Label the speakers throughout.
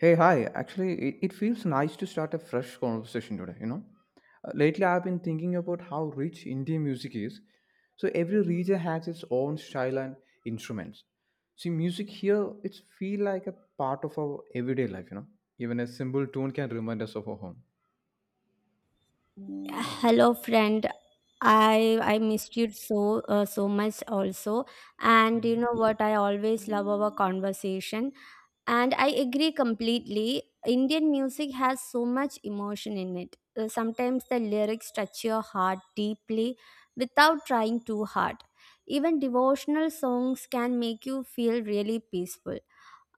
Speaker 1: Hey, hi. Actually, it feels nice to start a fresh conversation today, you know. Lately, I've been thinking about how rich Indian music is. So every region has its own style and instruments. See, music here, it's feel like a part of our everyday life, you know. Even a simple tune can remind us of our home.
Speaker 2: Hello, friend. I missed you so so much also, and you know what? I always love our conversation, and I agree completely. Indian music has so much emotion in it. Sometimes the lyrics touch your heart deeply without trying too hard. Even devotional songs can make you feel really peaceful.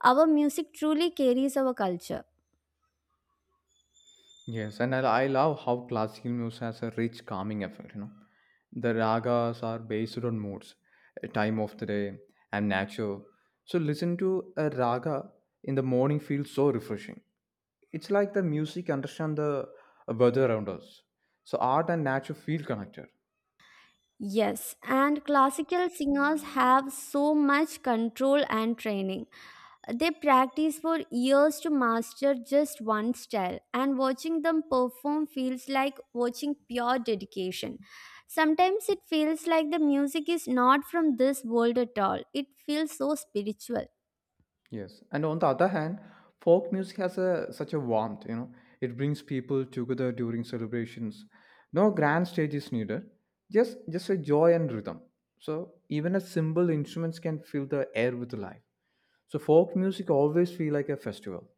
Speaker 2: Our music truly carries our culture.
Speaker 1: Yes, and I love how classical music has a rich calming effect. You know, the ragas are based on moods, time of the day, and nature. So listen to a raga in the morning feels so refreshing. It's like the music understand the weather around us. So art and nature feel connected.
Speaker 2: Yes, and classical singers have so much control and training. They practice for years to master just one style, and watching them perform feels like watching pure dedication. Sometimes it feels like the music is not from this world at all, it feels so spiritual.
Speaker 1: Yes, and on the other hand, folk music has a such a warmth. You know, it brings people together during celebrations. No grand stage is needed. Just a joy and rhythm. So even a simple instruments can fill the air with life. So folk music always feel like a festival.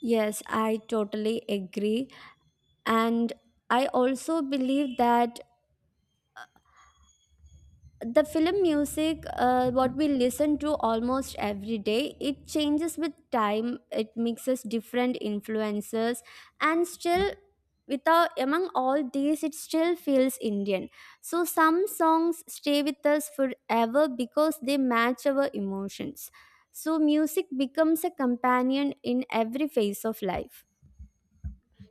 Speaker 2: Yes, I totally agree, and I also believe that the film music,
Speaker 1: Mhm.
Speaker 2: what we listen to almost every day, it changes with time, it mixes different influences, and still, without among all these, it still feels Indian. So some songs stay with us forever because they match our emotions. So, music becomes a companion in every phase of life.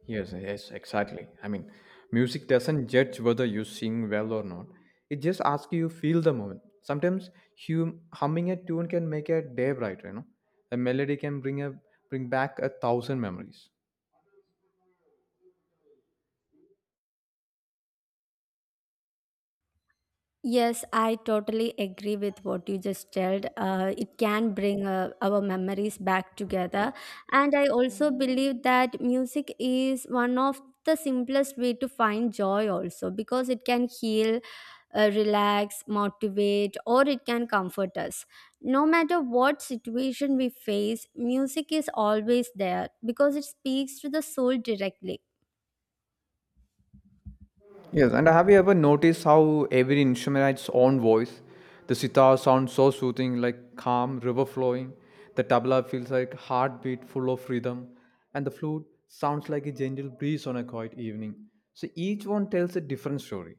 Speaker 1: Yes, yes, exactly. I mean, music doesn't judge whether you sing well or not. It just asks you feel the moment. Sometimes humming a tune can make a day brighter, you know. A melody can bring a bring back a thousand memories.
Speaker 2: Yes, I totally agree with what you just told. It can bring our memories back together. And I also believe that music is one of the simplest way to find joy also because it can heal, relax, motivate, or it can comfort us. No matter what situation we face, music is always there because it speaks to the soul directly.
Speaker 1: Yes, and have you ever noticed how every instrument has its own voice? The sitar sounds so soothing, like calm river flowing. The tabla feels like heartbeat full of rhythm, and the flute sounds like a gentle breeze on a quiet evening. So each one tells a different story.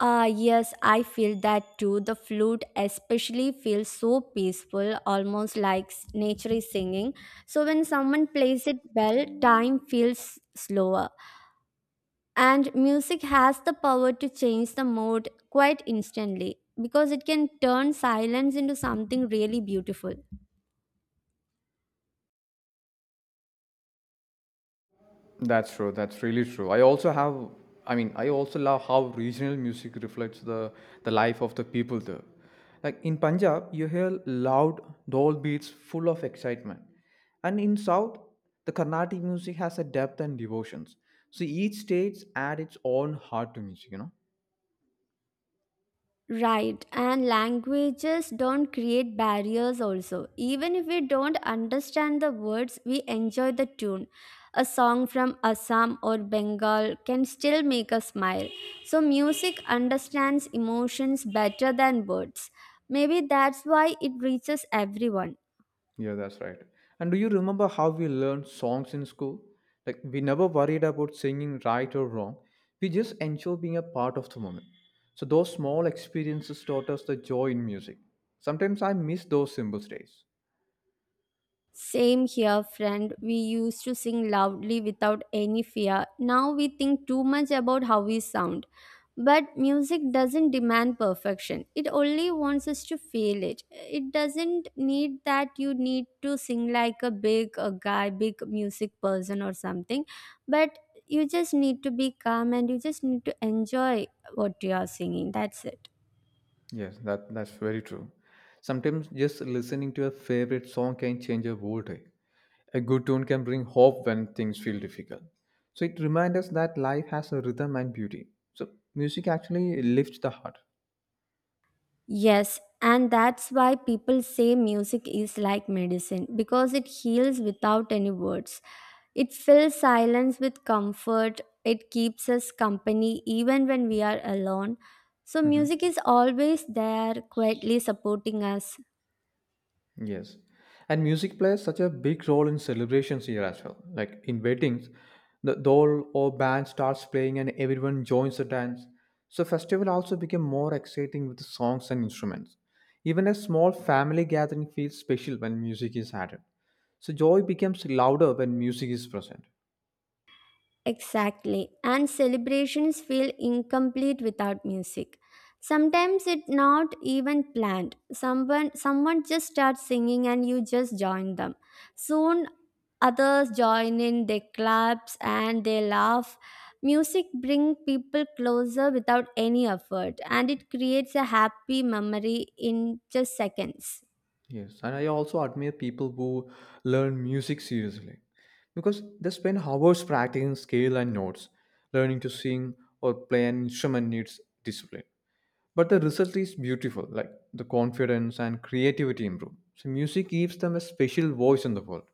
Speaker 2: Ah, yes, I feel that too. The flute especially feels so peaceful, almost like nature is singing. So when someone plays it well, time feels slower. And music has the power to change the mood quite instantly because it can turn silence into something really beautiful.
Speaker 1: That's true. That's really true. I also have, I mean, I also love how regional music reflects the life of the people there. Like in Punjab, you hear loud dull beats full of excitement. And in South, the Carnatic music has a depth and devotions. So each state adds its own heart to music, you know?
Speaker 2: Right, and languages don't create barriers also. Even if we don't understand the words, we enjoy the tune. A song from Assam or Bengal can still make us smile. So, music understands emotions better than words. Maybe that's why it reaches everyone.
Speaker 1: Yeah, that's right. And do you remember how we learned songs in school? Like, we never worried about singing right or wrong. We just enjoy being a part of the moment. So, those small experiences taught us the joy in music. Sometimes I miss those simple days.
Speaker 2: Same here, friend. We used to sing loudly without any fear. Now we think too much about how we sound. But music doesn't demand perfection, it only wants us to feel it. It doesn't need that you need to sing like a big a guy, big music person or something. But you just need to be calm and you just need to enjoy what you are singing. That's it.
Speaker 1: Yes, that's very true. Sometimes just listening to a favorite song can change a whole day. A good tune can bring hope when things feel difficult. So, it reminds us that life has a rhythm and beauty. So, music actually lifts the heart.
Speaker 2: Yes, and that's why people say music is like medicine because it heals without any words. It fills silence with comfort, it keeps us company even when we are alone. So,
Speaker 1: Mhm.
Speaker 2: music is always there, quietly supporting us.
Speaker 1: Yes. And music plays such a big role in celebrations here as well. Like in weddings, the doll or band starts playing and everyone joins the dance. So festival also became more exciting with songs and instruments. Even a small family gathering feels special when music is added. So joy becomes louder when music is present.
Speaker 2: Exactly. And celebrations feel incomplete without music. Sometimes it's not even planned. Someone just starts singing and you just join them. Soon others join in, they claps and they laugh. Music brings people closer without any effort and it creates a happy memory in just seconds.
Speaker 1: Yes, and I also admire people who learn music seriously because they spend hours practicing scale and notes. Learning to sing or play an instrument needs discipline. But the result is beautiful, like the confidence and creativity improve. So, music gives them a special voice in the world.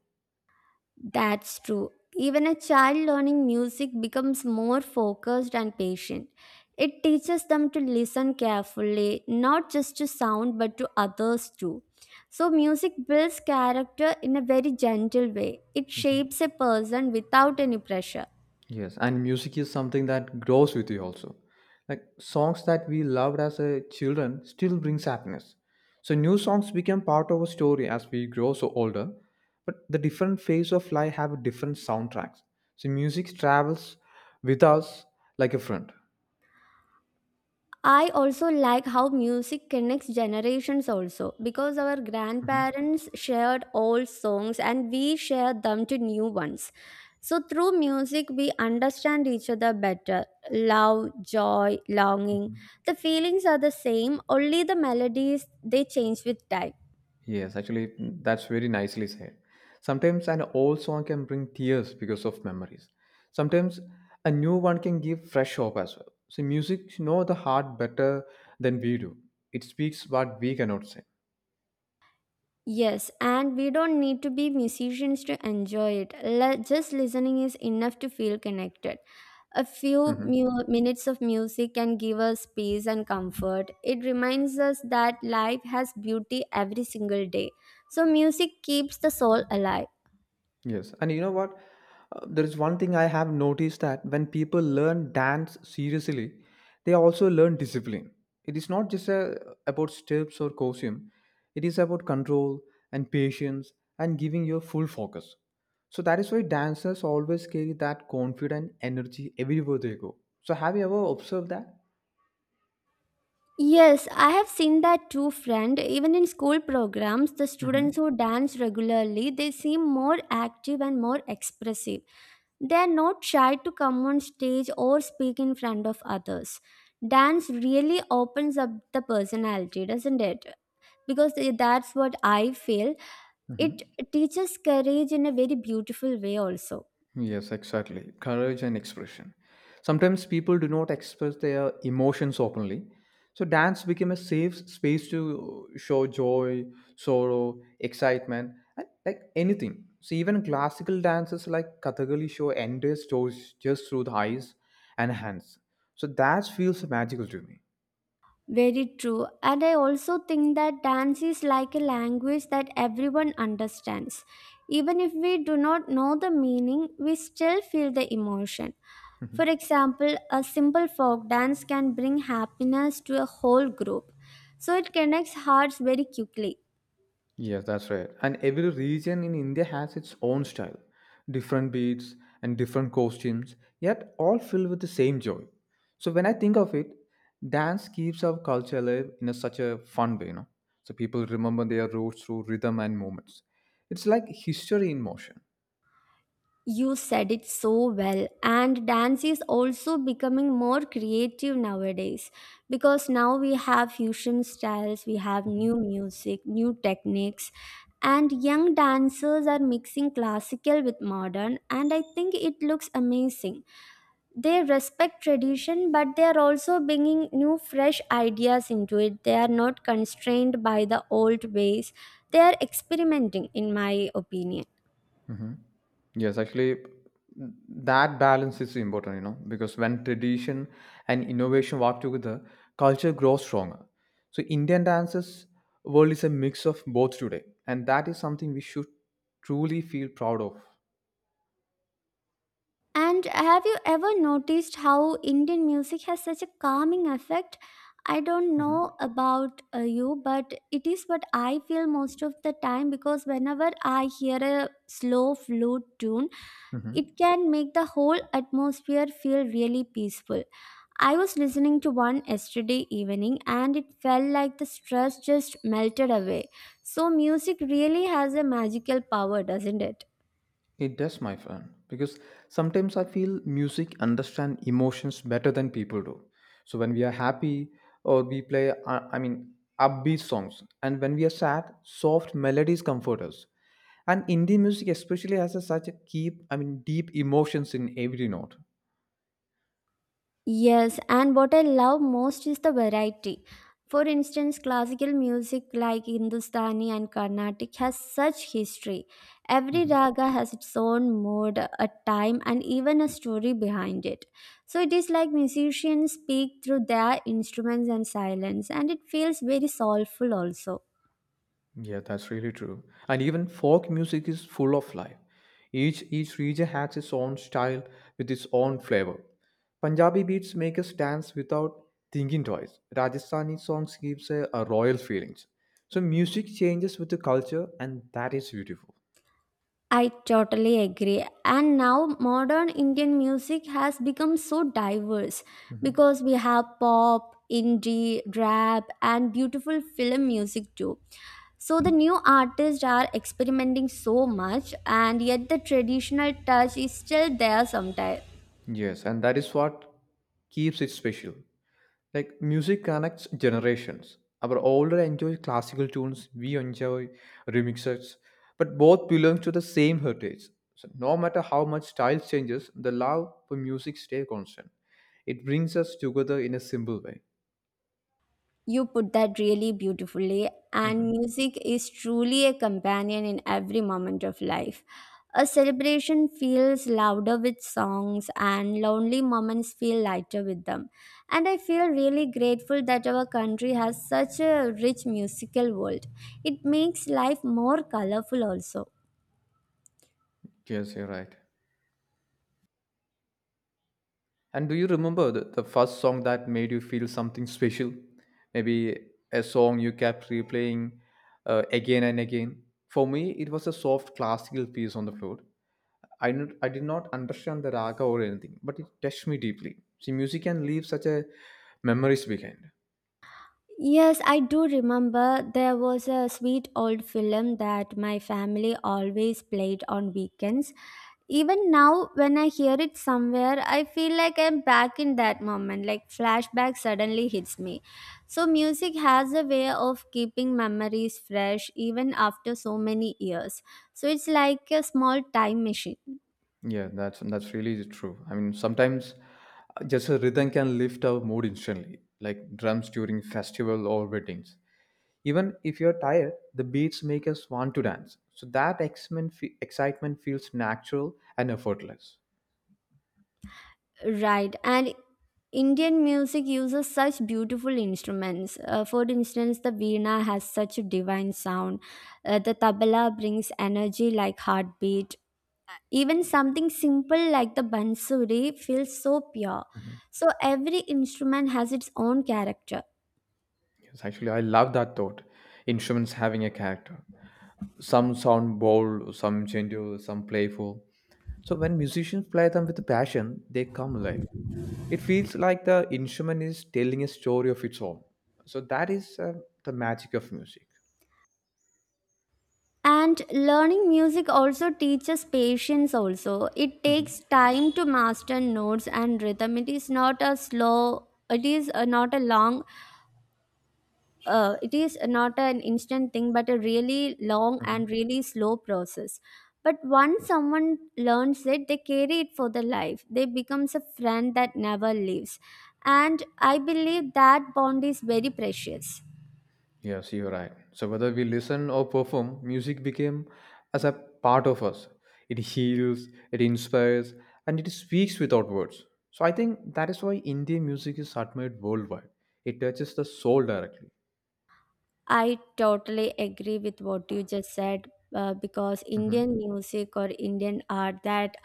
Speaker 2: That's true. Even a child learning music becomes more focused and patient. It teaches them to listen carefully, not just to sound but to others too. So, music builds character in a very gentle way. It shapes a person without any pressure.
Speaker 1: Yes, and music is something that grows with you also. Like songs that we loved as a children still brings happiness. So new songs become part of our story as we grow so older. But the different phase of life have different soundtracks. So music travels with us like a friend.
Speaker 2: I also like how music connects generations also because our
Speaker 1: Mhm.
Speaker 2: grandparents shared old songs and we shared them to new ones. So through music we understand each other better. Love, joy, longing. The feelings are the same, only the melodies they change with time.
Speaker 1: Yes, actually, that's very nicely said. Sometimes an old song can bring tears because of memories. Sometimes a new one can give fresh hope as well. So music know the heart better than we do. It speaks what we cannot say.
Speaker 2: Yes, and we don't need to be musicians to enjoy it. Just listening is enough to feel connected. A few
Speaker 1: Mhm.
Speaker 2: minutes of music can give us peace and comfort. It reminds us that life has beauty every single day. So, music keeps the soul alive.
Speaker 1: Yes, and you know what? There is one thing I have noticed that when people learn dance seriously, they also learn discipline. It is not just about steps or costume, it is about control and patience and giving your full focus. So that is why dancers always carry that confident energy everywhere they go. So have you ever observed that?
Speaker 2: Yes, I have seen that too, friend. Even in school programs, the
Speaker 1: Mm-hmm.
Speaker 2: students who dance regularly, they seem more active and more expressive. They are not shy to come on stage or speak in front of others. Dance really opens up the personality, doesn't it? Because that's what I feel. It teaches courage in a very beautiful way, also.
Speaker 1: Yes, exactly. Courage and expression. Sometimes people do not express their emotions openly. So dance became a safe space to show joy, sorrow, excitement, and like anything. So even classical dances like Kathakali show entire stories just through the eyes and hands. So that feels magical to me.
Speaker 2: Very true. And I also think that dance is like a language that everyone understands. Even if we do not know the meaning, we still feel the emotion.
Speaker 1: Mm-hmm.
Speaker 2: For example, a simple folk dance can bring happiness to a whole group. So it connects hearts very quickly.
Speaker 1: Yes, that's right. And every region in India has its own style, different beats and different costumes, yet all filled with the same joy. So when I think of it, dance keeps our culture alive in such a fun way, you know. So people remember their roots through rhythm and movements. It's like history in motion.
Speaker 2: You said it so well, and dance is also becoming more creative nowadays because now we have fusion styles, we have
Speaker 1: Mhm.
Speaker 2: new music, new techniques, and young dancers are mixing classical with modern, and I think it looks amazing. They respect tradition, but they are also bringing new, fresh ideas into it. They are not constrained by the old ways, they are experimenting, in my opinion.
Speaker 1: Mhm. Yes, actually, that balance is important, you know, because when tradition and innovation work together, culture grows stronger. So, Indian dances world is a mix of both today, and that is something we should truly feel proud of.
Speaker 2: And have you ever noticed how Indian music has such a calming effect? I don't know about you, but it is what I feel most of the time because whenever I hear a slow flute tune,
Speaker 1: Mhm.
Speaker 2: it can make the whole atmosphere feel really peaceful. I was listening to one yesterday evening and it felt like the stress just melted away. So, music really has a magical power, doesn't it?
Speaker 1: It does, my friend, because sometimes I feel music understand emotions better than people do. So when we are happy, or we play, I mean, upbeat songs, and when we are sad, soft melodies comfort us. And Indian music especially has such a keep, I mean, deep emotions in every note.
Speaker 2: Yes, and what I love most is the variety. For instance, classical music like Hindustani and Carnatic has such history. Every raga has its own mood, a time, and even a story behind it. So it is like musicians speak through their instruments and silence, and it feels very soulful also.
Speaker 1: Yeah, that's really true. And even folk music is full of life. Each region has its own style with its own flavor. Punjabi beats make us dance without thinking twice. Rajasthani songs gives a royal feelings. So music changes with the culture, and that is beautiful.
Speaker 2: I totally agree. And now modern Indian music has become so diverse
Speaker 1: Mhm.
Speaker 2: because we have pop, indie, rap, and beautiful film music too. So the new artists are experimenting so much, and yet the traditional touch is still there sometimes.
Speaker 1: Yes, and that is what keeps it special. Like music connects generations. Our older enjoy classical tunes, we enjoy remixes, but both belong to the same heritage. So no matter how much style changes, the love for music stays constant. It brings us together in a simple way.
Speaker 2: You put that really beautifully, and
Speaker 1: Mhm.
Speaker 2: music is truly a companion in every moment of life. A celebration feels louder with songs, and lonely moments feel lighter with them. And I feel really grateful that our country has such a rich musical world. It makes life more colorful, also.
Speaker 1: Yes, you're right. And do you remember the first song that made you feel something special? Maybe a song you kept replaying again and again. For me, it was a soft classical piece on the flute. I did not understand the raga or anything, but it touched me deeply. See, music can leave such a memories behind.
Speaker 2: Yes, I do remember there was a sweet old film that my family always played on weekends. Even now, when I hear it somewhere, I feel like I'm back in that moment, like flashback suddenly hits me. So, music has a way of keeping memories fresh even after so many years. So, it's like a small time machine.
Speaker 1: Yeah, that's really true. I mean, sometimes just a rhythm can lift our mood instantly, like drums during festival or weddings. Even if you're tired, the beats make us want to dance. So that excitement feels natural and effortless.
Speaker 2: Right. And Indian music uses such beautiful instruments. For instance, the veena has such a divine sound. The tabla brings energy like heartbeat. Even something simple like the bansuri feels so pure. So every instrument has its own character.
Speaker 1: Yes, actually, I love that thought. Instruments having a character. Some sound bold, some gentle, some playful. So when musicians play them with passion, they come alive. It feels like the instrument is telling a story of its own. So that is the magic of music.
Speaker 2: And learning music also teaches patience also. It takes
Speaker 1: Mhm.
Speaker 2: time to master notes and rhythm. It is not a slow, it is not a long, it is not an instant thing but a really long and really slow process. But once someone learns it, they carry it for their life, they becomes a friend that never leaves, and I believe that bond is very precious.
Speaker 1: Yes, you're right. So whether we listen or perform, music became as a part of us. It heals, it inspires, and it speaks without words. So I think that is why Indian music is admired worldwide. It touches the soul directly.
Speaker 2: I totally agree with what you just said because
Speaker 1: Hmm.
Speaker 2: Indian music or Indian art that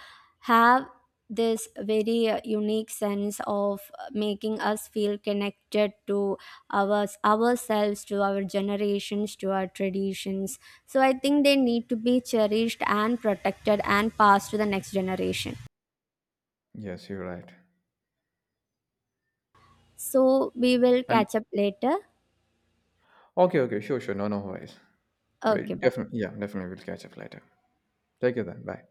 Speaker 2: have this very unique sense of making us feel connected to ourselves, to our generations, to our traditions. So I think they need to be cherished and protected and passed to the next generation.
Speaker 1: Yes, you're right.
Speaker 2: So we will
Speaker 1: And
Speaker 2: catch up later.
Speaker 1: okay, okay, sure, sure, no, no worries. Well,
Speaker 2: Okay, bye.
Speaker 1: definitely, yeah, definitely, we'll catch up later. Take it then. Bye.